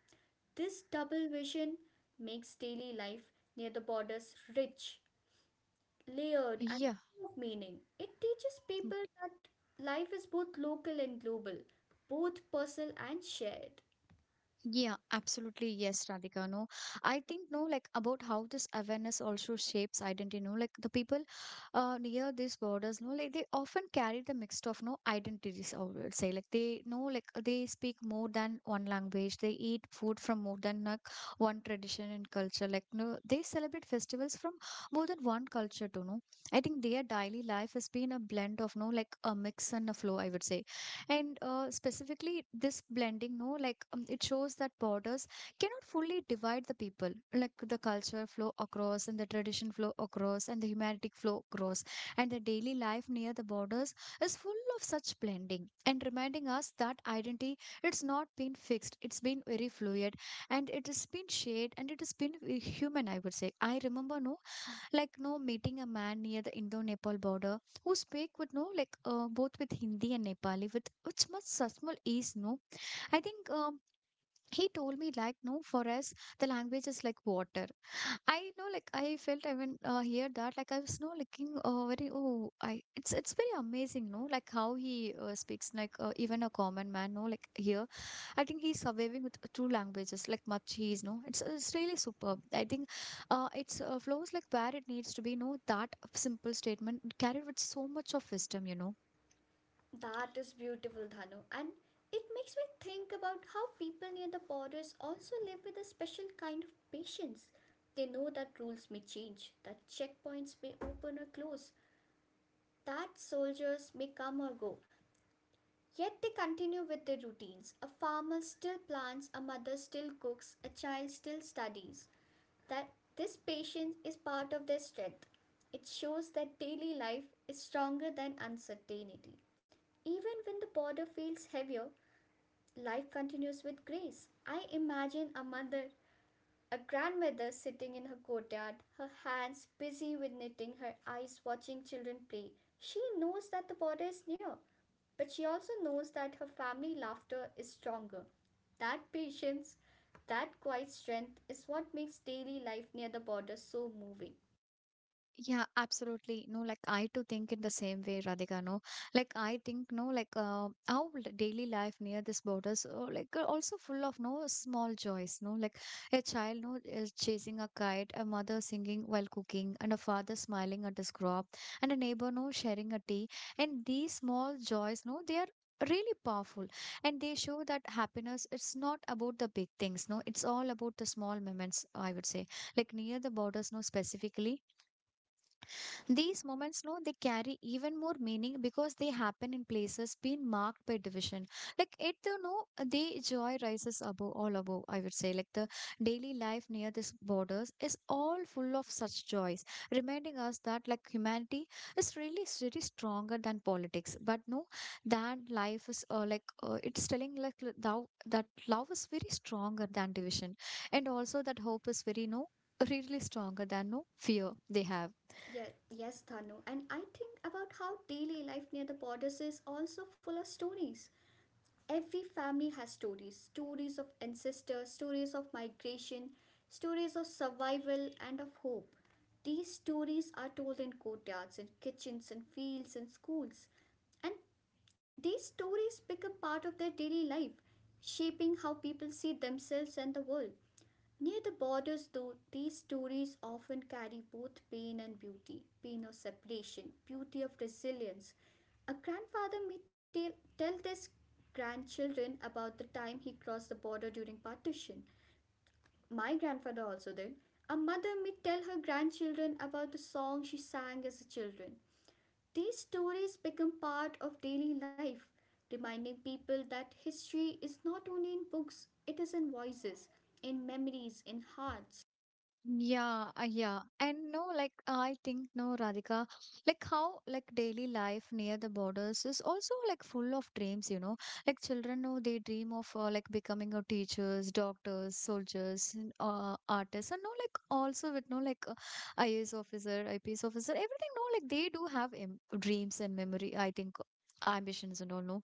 S2: This double vision makes daily life near the borders rich, layered, and
S1: Yeah.
S2: full of meaning. It teaches people that life is both local and global, both personal and shared.
S1: Yeah, absolutely. Yes, Radhika. No, I think, no, like about how this awareness also shapes identity. No, like the people near these borders, no, like they often carry the mixed of no identities, I would say. Like they know, like they speak more than one language, they eat food from more than like one tradition and culture. Like, no, they celebrate festivals from more than one culture, too. No, I think their daily life has been a blend of no, like a mix and a flow, I would say. And specifically this blending, no, like it shows that borders cannot fully divide the people, like the culture flow across and the tradition flow across and the humanistic flow across, and the daily life near the borders is full of such blending and reminding us that identity it's not been fixed, it's been very fluid, and it has been shared and it has been very human, I would say. I remember, no, like no meeting a man near the Indo-Nepal border, who speak with no like both with Hindi and Nepali with which much Sasmal is, no. I think he told me like, no, for us the language is like water. I know, like I felt, I even hear that, like I was no looking very. Oh, I it's very amazing, no, like how he speaks, like even a common man, no, like here, I think he's surviving with two languages, like Machis, no, it's really superb. I think, it's flows like where it needs to be, no, that simple statement carried with so much of wisdom, you know.
S2: That is beautiful, Dhanu. And it makes me think about how people near the borders also live with a special kind of patience. They know that rules may change, that checkpoints may open or close, that soldiers may come or go. Yet they continue with their routines. A farmer still plants, a mother still cooks, a child still studies. That this patience is part of their strength. It shows that daily life is stronger than uncertainty. Even when the border feels heavier, life continues with grace. I imagine a mother, a grandmother sitting in her courtyard, her hands busy with knitting, her eyes watching children play. She knows that the border is near. But she also knows that her family laughter is stronger. That patience, that quiet strength is what makes daily life near the border so moving.
S1: Yeah, absolutely. No, like I too think in the same way, Radhika. No, like I think, no, like our daily life near this borders, like also full of no small joys. No, like a child no is chasing a kite, a mother singing while cooking, and a father smiling at his crop, and a neighbor no sharing a tea. And these small joys, no, they are really powerful, and they show that happiness it's not about the big things, no, it's all about the small moments, I would say. Like near the borders, no, specifically these moments, no, they carry even more meaning because they happen in places being marked by division. Like it, you know, the joy rises above all above. I would say, like the daily life near these borders is all full of such joys, reminding us that like humanity is really really stronger than politics. But no, that life is like it's telling like thou that love is very stronger than division, and also that hope is very no really stronger than no fear they have.
S2: Yeah, yes, Thanu. And I think about how daily life near the borders is also full of stories. Every family has stories, stories of ancestors, stories of migration, stories of survival, and of hope. These stories are told in courtyards, in kitchens, in fields, in schools. And these stories become part of their daily life, shaping how people see themselves and the world. Near the borders, though, these stories often carry both pain and beauty, pain of separation, beauty of resilience. A grandfather may tell his grandchildren about the time he crossed the border during partition. My grandfather also did. A mother may tell her grandchildren about the song she sang as a children. These stories become part of daily life, reminding people that history is not only in books, it is in voices, in memories, in hearts.
S1: Yeah, yeah. And no, like I think, no, Radhika, like how like daily life near the borders is also like full of dreams, you know. Like children know they dream of like becoming a teachers, doctors, soldiers, and artists, and no, like also with no like IAS officer, IPS officer, everything. No, like they do have Im dreams and memory. I think ambitions and all. No,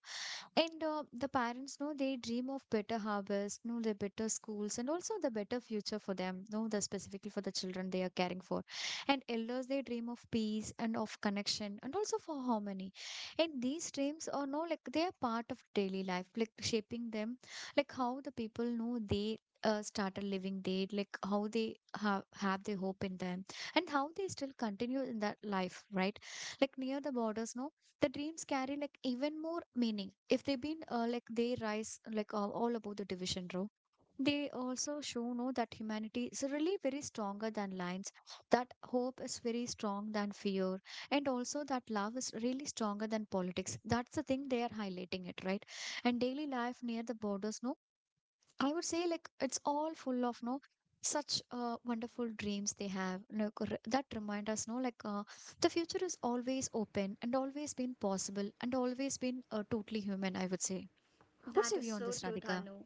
S1: and the parents know they dream of better harvest, know the better schools, and also the better future for them. Know the specifically for the children they are caring for, and elders they dream of peace and of connection and also for harmony. And these dreams are no like they are part of daily life, like shaping them, like how the people know they. Started living they, like how they have their hope in them, and how they still continue in that life, right? Like near the borders, no, the dreams carry like even more meaning. If they've been like they rise like all about the division row, they also show, no, that humanity is really very stronger than lines, that hope is very strong than fear, and also that love is really stronger than politics. That's the thing they are highlighting it, right? And daily life near the borders, no, I would say like it's all full of no such wonderful dreams they have like that remind us, no, like the future is always open, and always been possible, and always been totally human, I would say. What's
S2: That
S1: your
S2: is
S1: view on
S2: so
S1: this,
S2: true,
S1: Radhika?
S2: Dhanu.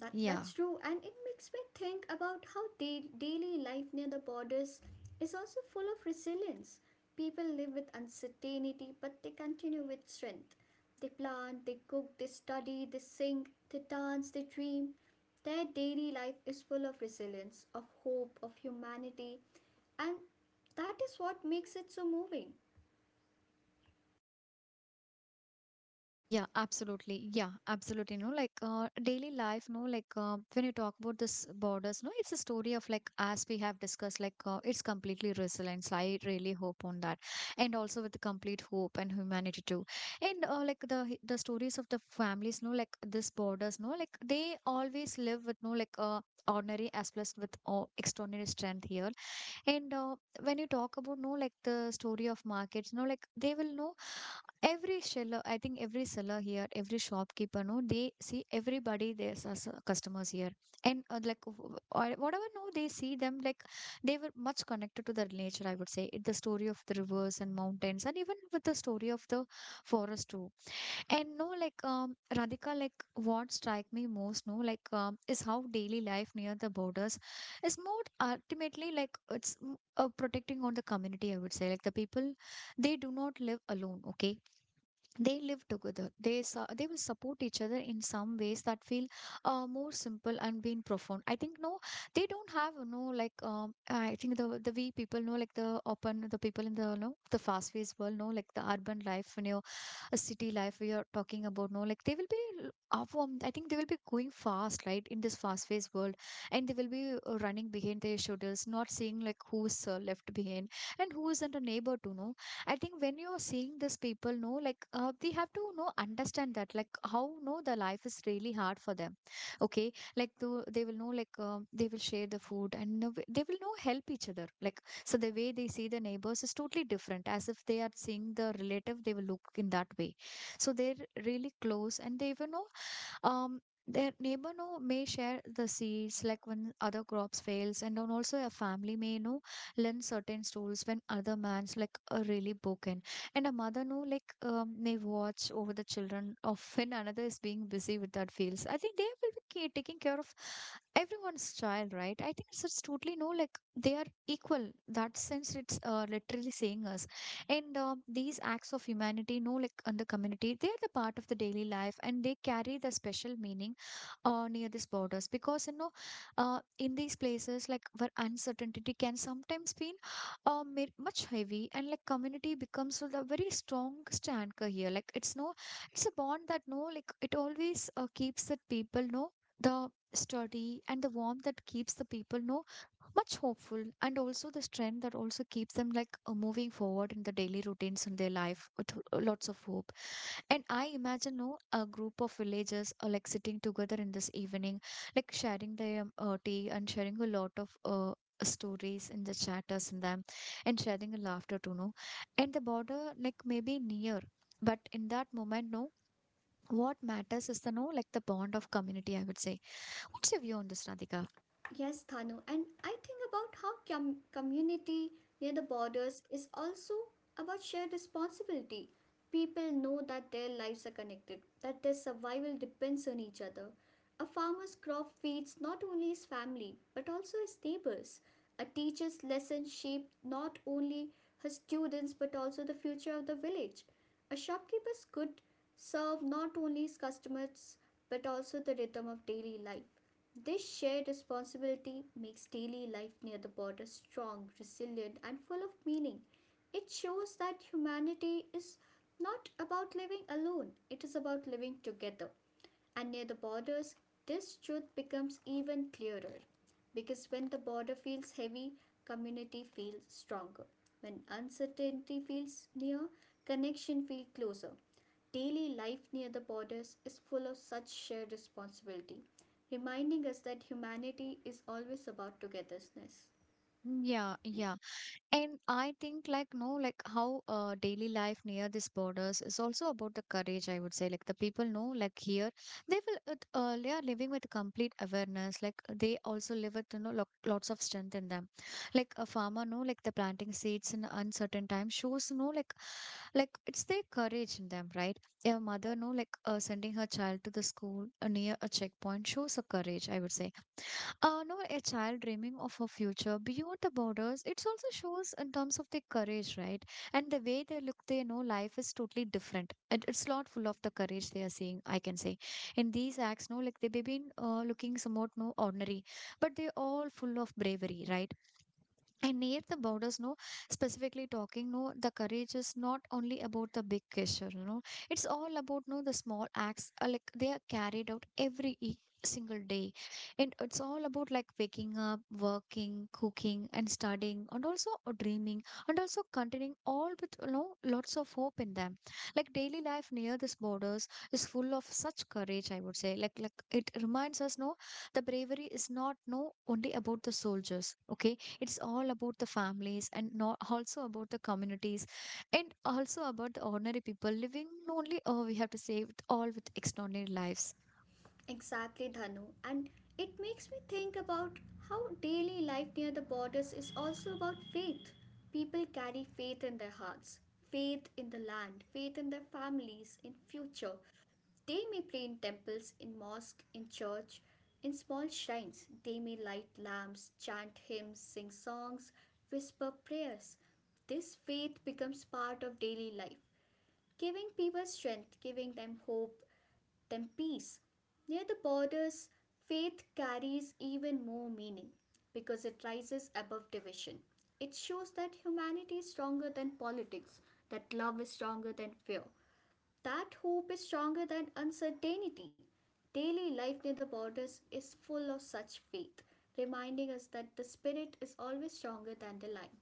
S2: That
S1: Yeah.
S2: that's true, and it makes me think about how daily life near the borders is also full of resilience. People live with uncertainty, but they continue with strength. They plant, they cook, they study, they sing, they dance, they dream. Their daily life is full of resilience, of hope, of humanity, and that is what makes it so moving.
S1: Yeah, absolutely. Yeah, absolutely. No, like daily life, no, like when you talk about this borders, no, it's a story of, like as we have discussed, like it's completely resilience. I really hope on that, and also with the complete hope and humanity too. And like the the stories of the families, no, like this borders, no, like they always live with no like uh, ordinary as plus with extraordinary strength here. And when you talk about no like the story of markets, no like they will know every seller. I think every seller here, every shopkeeper, no, they see everybody there's as customers here, and like or whatever, no, they see them like they were much connected to their nature, I would say. It- the story of the rivers and mountains, and even with the story of the forest too. And no, like Radhika, like what strike me most, no, like is how daily life near the borders is more ultimately, like it's protecting on the community, I would say. Like the people, they do not live alone. Okay, they live together, they they will support each other in some ways that feel more simple and being profound. I think, no, they don't have no like I think the we people know like the open the people in the no the fast paced world, know like the urban life, you know, a city life we are talking about, no, like they will be l- I think they will be going fast, right, in this fast paced world, and they will be running behind their shoulders, not seeing like who's left behind and who isn't a neighbor to know. I think when you're seeing these people, no, like they have to know understand that, like how no the life is really hard for them. Okay, like the, they will know, like they will share the food and know- they will know help each other. Like, so the way they see the neighbors is totally different. As if they are seeing the relative, they will look in that way. So they're really close and they will know um, their neighbor know may share the seeds like when other crops fails, and then also a family may know lend certain tools when other man's like are really broken, and a mother know like may watch over the children of when another is being busy with that fields. I think they will be taking care of everyone's child, right? I think it's totally no like they are equal, that sense. It's literally saying us. And these acts of humanity, no, like on the community, they are the part of the daily life, and they carry the special meaning near these borders, because you know in these places, like where uncertainty can sometimes be much heavy, and like community becomes the very strongest anchor here. Like it's no, it's a bond that no like it always keeps that people, no, the study and the warmth that keeps the people, no, much hopeful, and also the strength that also keeps them like moving forward in the daily routines in their life with lots of hope. And I imagine, no, a group of villagers are like sitting together in this evening, like sharing their tea, and sharing a lot of stories in the chatters in them, and sharing a laughter to know, and the border like maybe near, but in that moment, no, what matters is the no like the bond of community, I would say. What's your view on this, Radhika?
S2: Yes, Thanu, and I think about how community near the borders is also about shared responsibility. People know that their lives are connected, that their survival depends on each other. A farmer's crop feeds not only his family but also his neighbors. A teacher's lesson shapes not only his students but also the future of the village. A shopkeeper's good serve not only his customers but also the rhythm of daily life. This shared responsibility makes daily life near the border strong, resilient, and full of meaning. It shows that humanity is not about living alone, it is about living together. And near the borders, this truth becomes even clearer. Because when the border feels heavy, community feels stronger. When uncertainty feels near, connection feels closer. Daily life near the borders is full of such shared responsibility, reminding us that humanity is always about togetherness.
S1: Yeah, yeah. And I think like no, like how daily life near these borders is also about the courage, I would say. Like the people know, like here, they will they are living with complete awareness. Like they also live with, you know, lo lots of strength in them. Like a farmer, no, like the planting seeds in uncertain time shows, no, like it's their courage in them, right? A mother, no, like sending her child to the school near a checkpoint shows a courage, I would say. No, a child dreaming of a future beyond the borders, it also shows in terms of their courage, right? And the way they look, they know life is totally different. And it's not full of the courage they are seeing, I can say. In these acts, no, like they've been looking somewhat no ordinary, but they're all full of bravery, right? And near the borders, no, specifically talking, no, the courage is not only about the big gesture, you know, it's all about, no, the small acts, like they are carried out every single day. And it's all about like waking up, working, cooking, and studying, and also dreaming, and also continuing all with, you know, lots of hope in them. Like daily life near these borders is full of such courage, I would say. Like it reminds us, no, the bravery is not, no, only about the soldiers, okay? It's all about the families, and not also about the communities, and also about the ordinary people living only, oh we have to say, with all with extraordinary lives.
S2: Exactly, Dhanu. And it makes me think about how daily life near the borders is also about faith. People carry faith in their hearts, faith in the land, faith in their families, in future. They may play in temples, in mosque, in church, in small shrines. They may light lamps, chant hymns, sing songs, whisper prayers. This faith becomes part of daily life, giving people strength, giving them hope, them peace. Near the borders, faith carries even more meaning because it rises above division. It shows that humanity is stronger than politics, that love is stronger than fear, that hope is stronger than uncertainty. Daily life near the borders is full of such faith, reminding us that the spirit is always stronger than the line.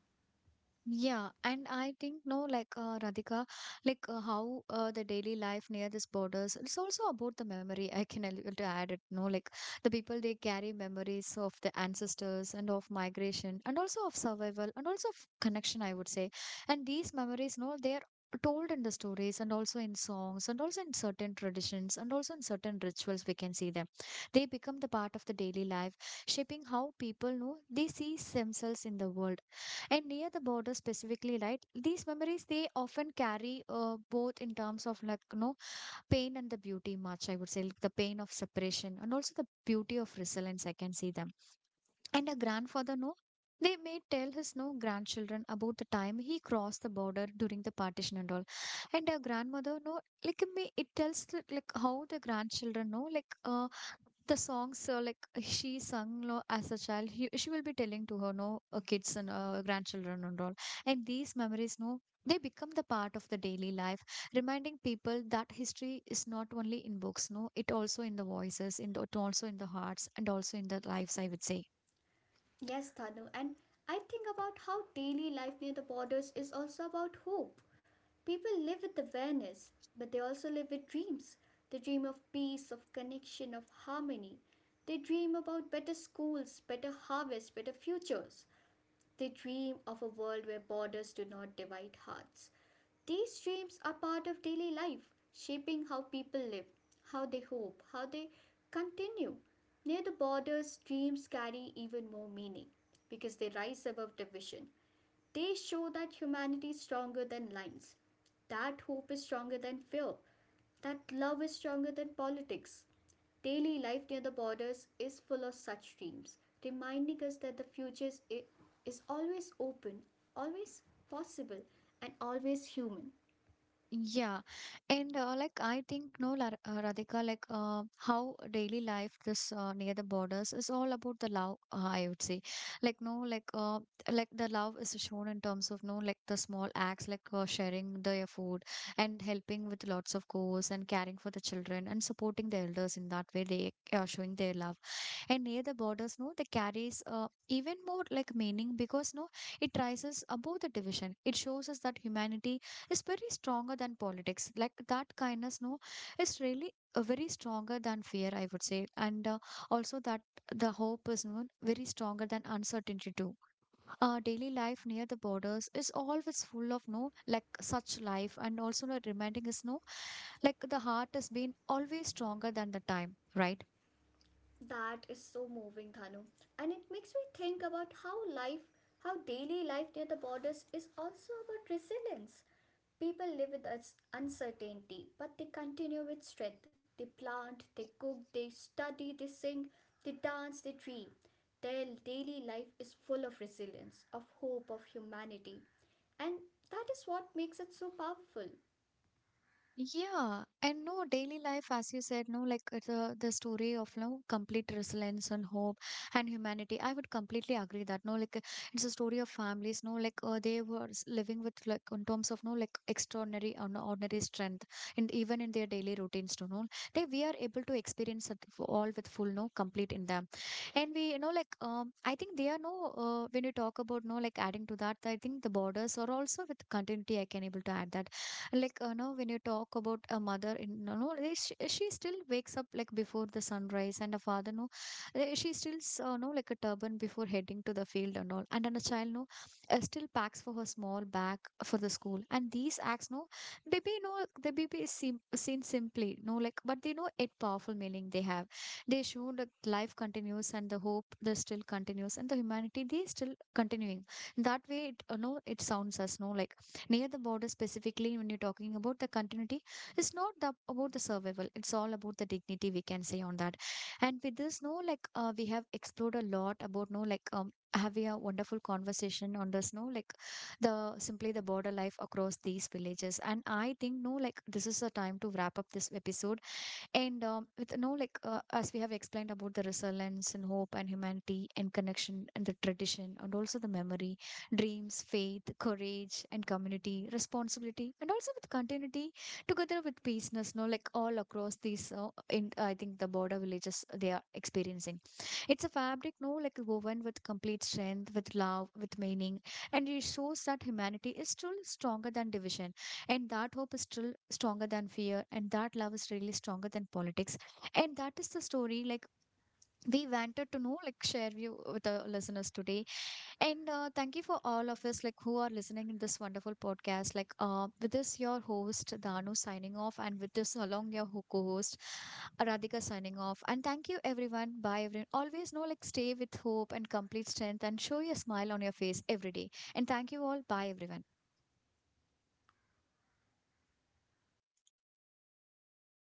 S1: Yeah, and I think no, like Radhika, like how the daily life near these borders, it's also about the memory. I can to add it. No, like the people they carry memories of the ancestors, and of migration, and also of survival, and also of connection, I would say. And these memories, no, they are told in the stories, and also in songs, and also in certain traditions, and also in certain rituals we can see them. They become the part of the daily life, shaping how people know they see themselves in the world. And near the border specifically, right, these memories they often carry both in terms of, like you know, pain and the beauty much, I would say. Like the pain of separation, and also the beauty of resilience, I can see them. And a grandfather, no? They may tell his no grandchildren about the time he crossed the border during the partition and all. And a grandmother, no, like me, it tells the- like how the grandchildren know, like the songs like she sung lo, as a child. He, she will be telling to her, no, kids, and grandchildren and all. And these memories, no, they become the part of the daily life, reminding people that history is not only in books, no, it also in the voices, in the, also in the hearts, and also in the lives, I would say.
S2: Yes, Thanu, and I think about how daily life near the borders is also about hope. People live with awareness, but they also live with dreams. They dream of peace, of connection, of harmony. They dream about better schools, better harvests, better futures. They dream of a world where borders do not divide hearts. These dreams are part of daily life, shaping how people live, how they hope, how they continue. Near the borders, dreams carry even more meaning because they rise above division. They show that humanity is stronger than lines, that hope is stronger than fear, that love is stronger than politics. Daily life near the borders is full of such dreams, reminding us that the future is always open, always possible, and always human.
S1: Yeah, and like I think no, Radhika, like how daily life this near the borders is all about the love. I would say, like no, like the love is shown in terms of no, like the small acts, like sharing their food, and helping with lots of chores, and caring for the children, and supporting the elders in that way. They are showing their love. And near the borders, no, they carries even more like meaning, because no, it rises above the division. It shows us that humanity is very stronger than politics. Like that kindness, no, is really very stronger than fear, I would say. And also that the hope is, no, very stronger than uncertainty too. Our daily life near the borders is always full of no, like such life. And also no, reminding us, no, like the heart has been always stronger than the time, right?
S2: That is so moving, Thanu. And it makes me think about how life, how daily life near the borders is also about resilience. People live with us uncertainty, but they continue with strength. They plant, they cook, they study, they sing, they dance, they dream. Their daily life is full of resilience, of hope, of humanity. And that is what makes it so powerful.
S1: Yeah, and no daily life, as you said, no like the story of no complete resilience and hope and humanity. I would completely agree that no like it's a story of families. No like they were living with like in terms of no like extraordinary and ordinary strength, and even in their daily routines to know they we are able to experience it all with full no complete in them, and we, you know, like um, I think they are no when you talk about no like adding to that, I think the borders are also with continuity. I can able to add that, like you know, when you talk about a mother in, you know, she still wakes up like before the sunrise. And a father, no, eh, she still know like a turban before heading to the field and all. And then a child, no, still packs for her small bag for the school. And these acts, no, maybe no the baby is seen simply, no, like but they know it powerful meaning they have. They show that life continues, and the hope they still continues, and the humanity they still continuing. That way, it, you know, it sounds as no like near the border specifically when you're talking about the continuity, it's not the, about the survival, it's all about the dignity, we can say on that. And with this, no, like we have explored a lot about no like having a wonderful conversation on this no like the simply the border life across these villages. And I think no like this is a time to wrap up this episode. And with no like as we have explained about the resilience, and hope, and humanity, and connection, and the tradition, and also the memory, dreams, faith, courage and community, responsibility, and also with continuity together with peaceness. No, like all across these in, I think the border villages they are experiencing. It's a fabric, no, like woven with complete strength, with love, with meaning, and it shows that humanity is still stronger than division, and that hope is still stronger than fear, and that love is really stronger than politics. And that is the story, like we wanted to know, like share you with the listeners today. And thank you for all of us, like who are listening in this wonderful podcast. Like with this, your host Danu signing off, and with this, along your co-host Radhika signing off. And thank you, everyone. Bye, everyone. Always know, like stay with hope and complete strength, and show your smile on your face every day. And thank you all. Bye, everyone.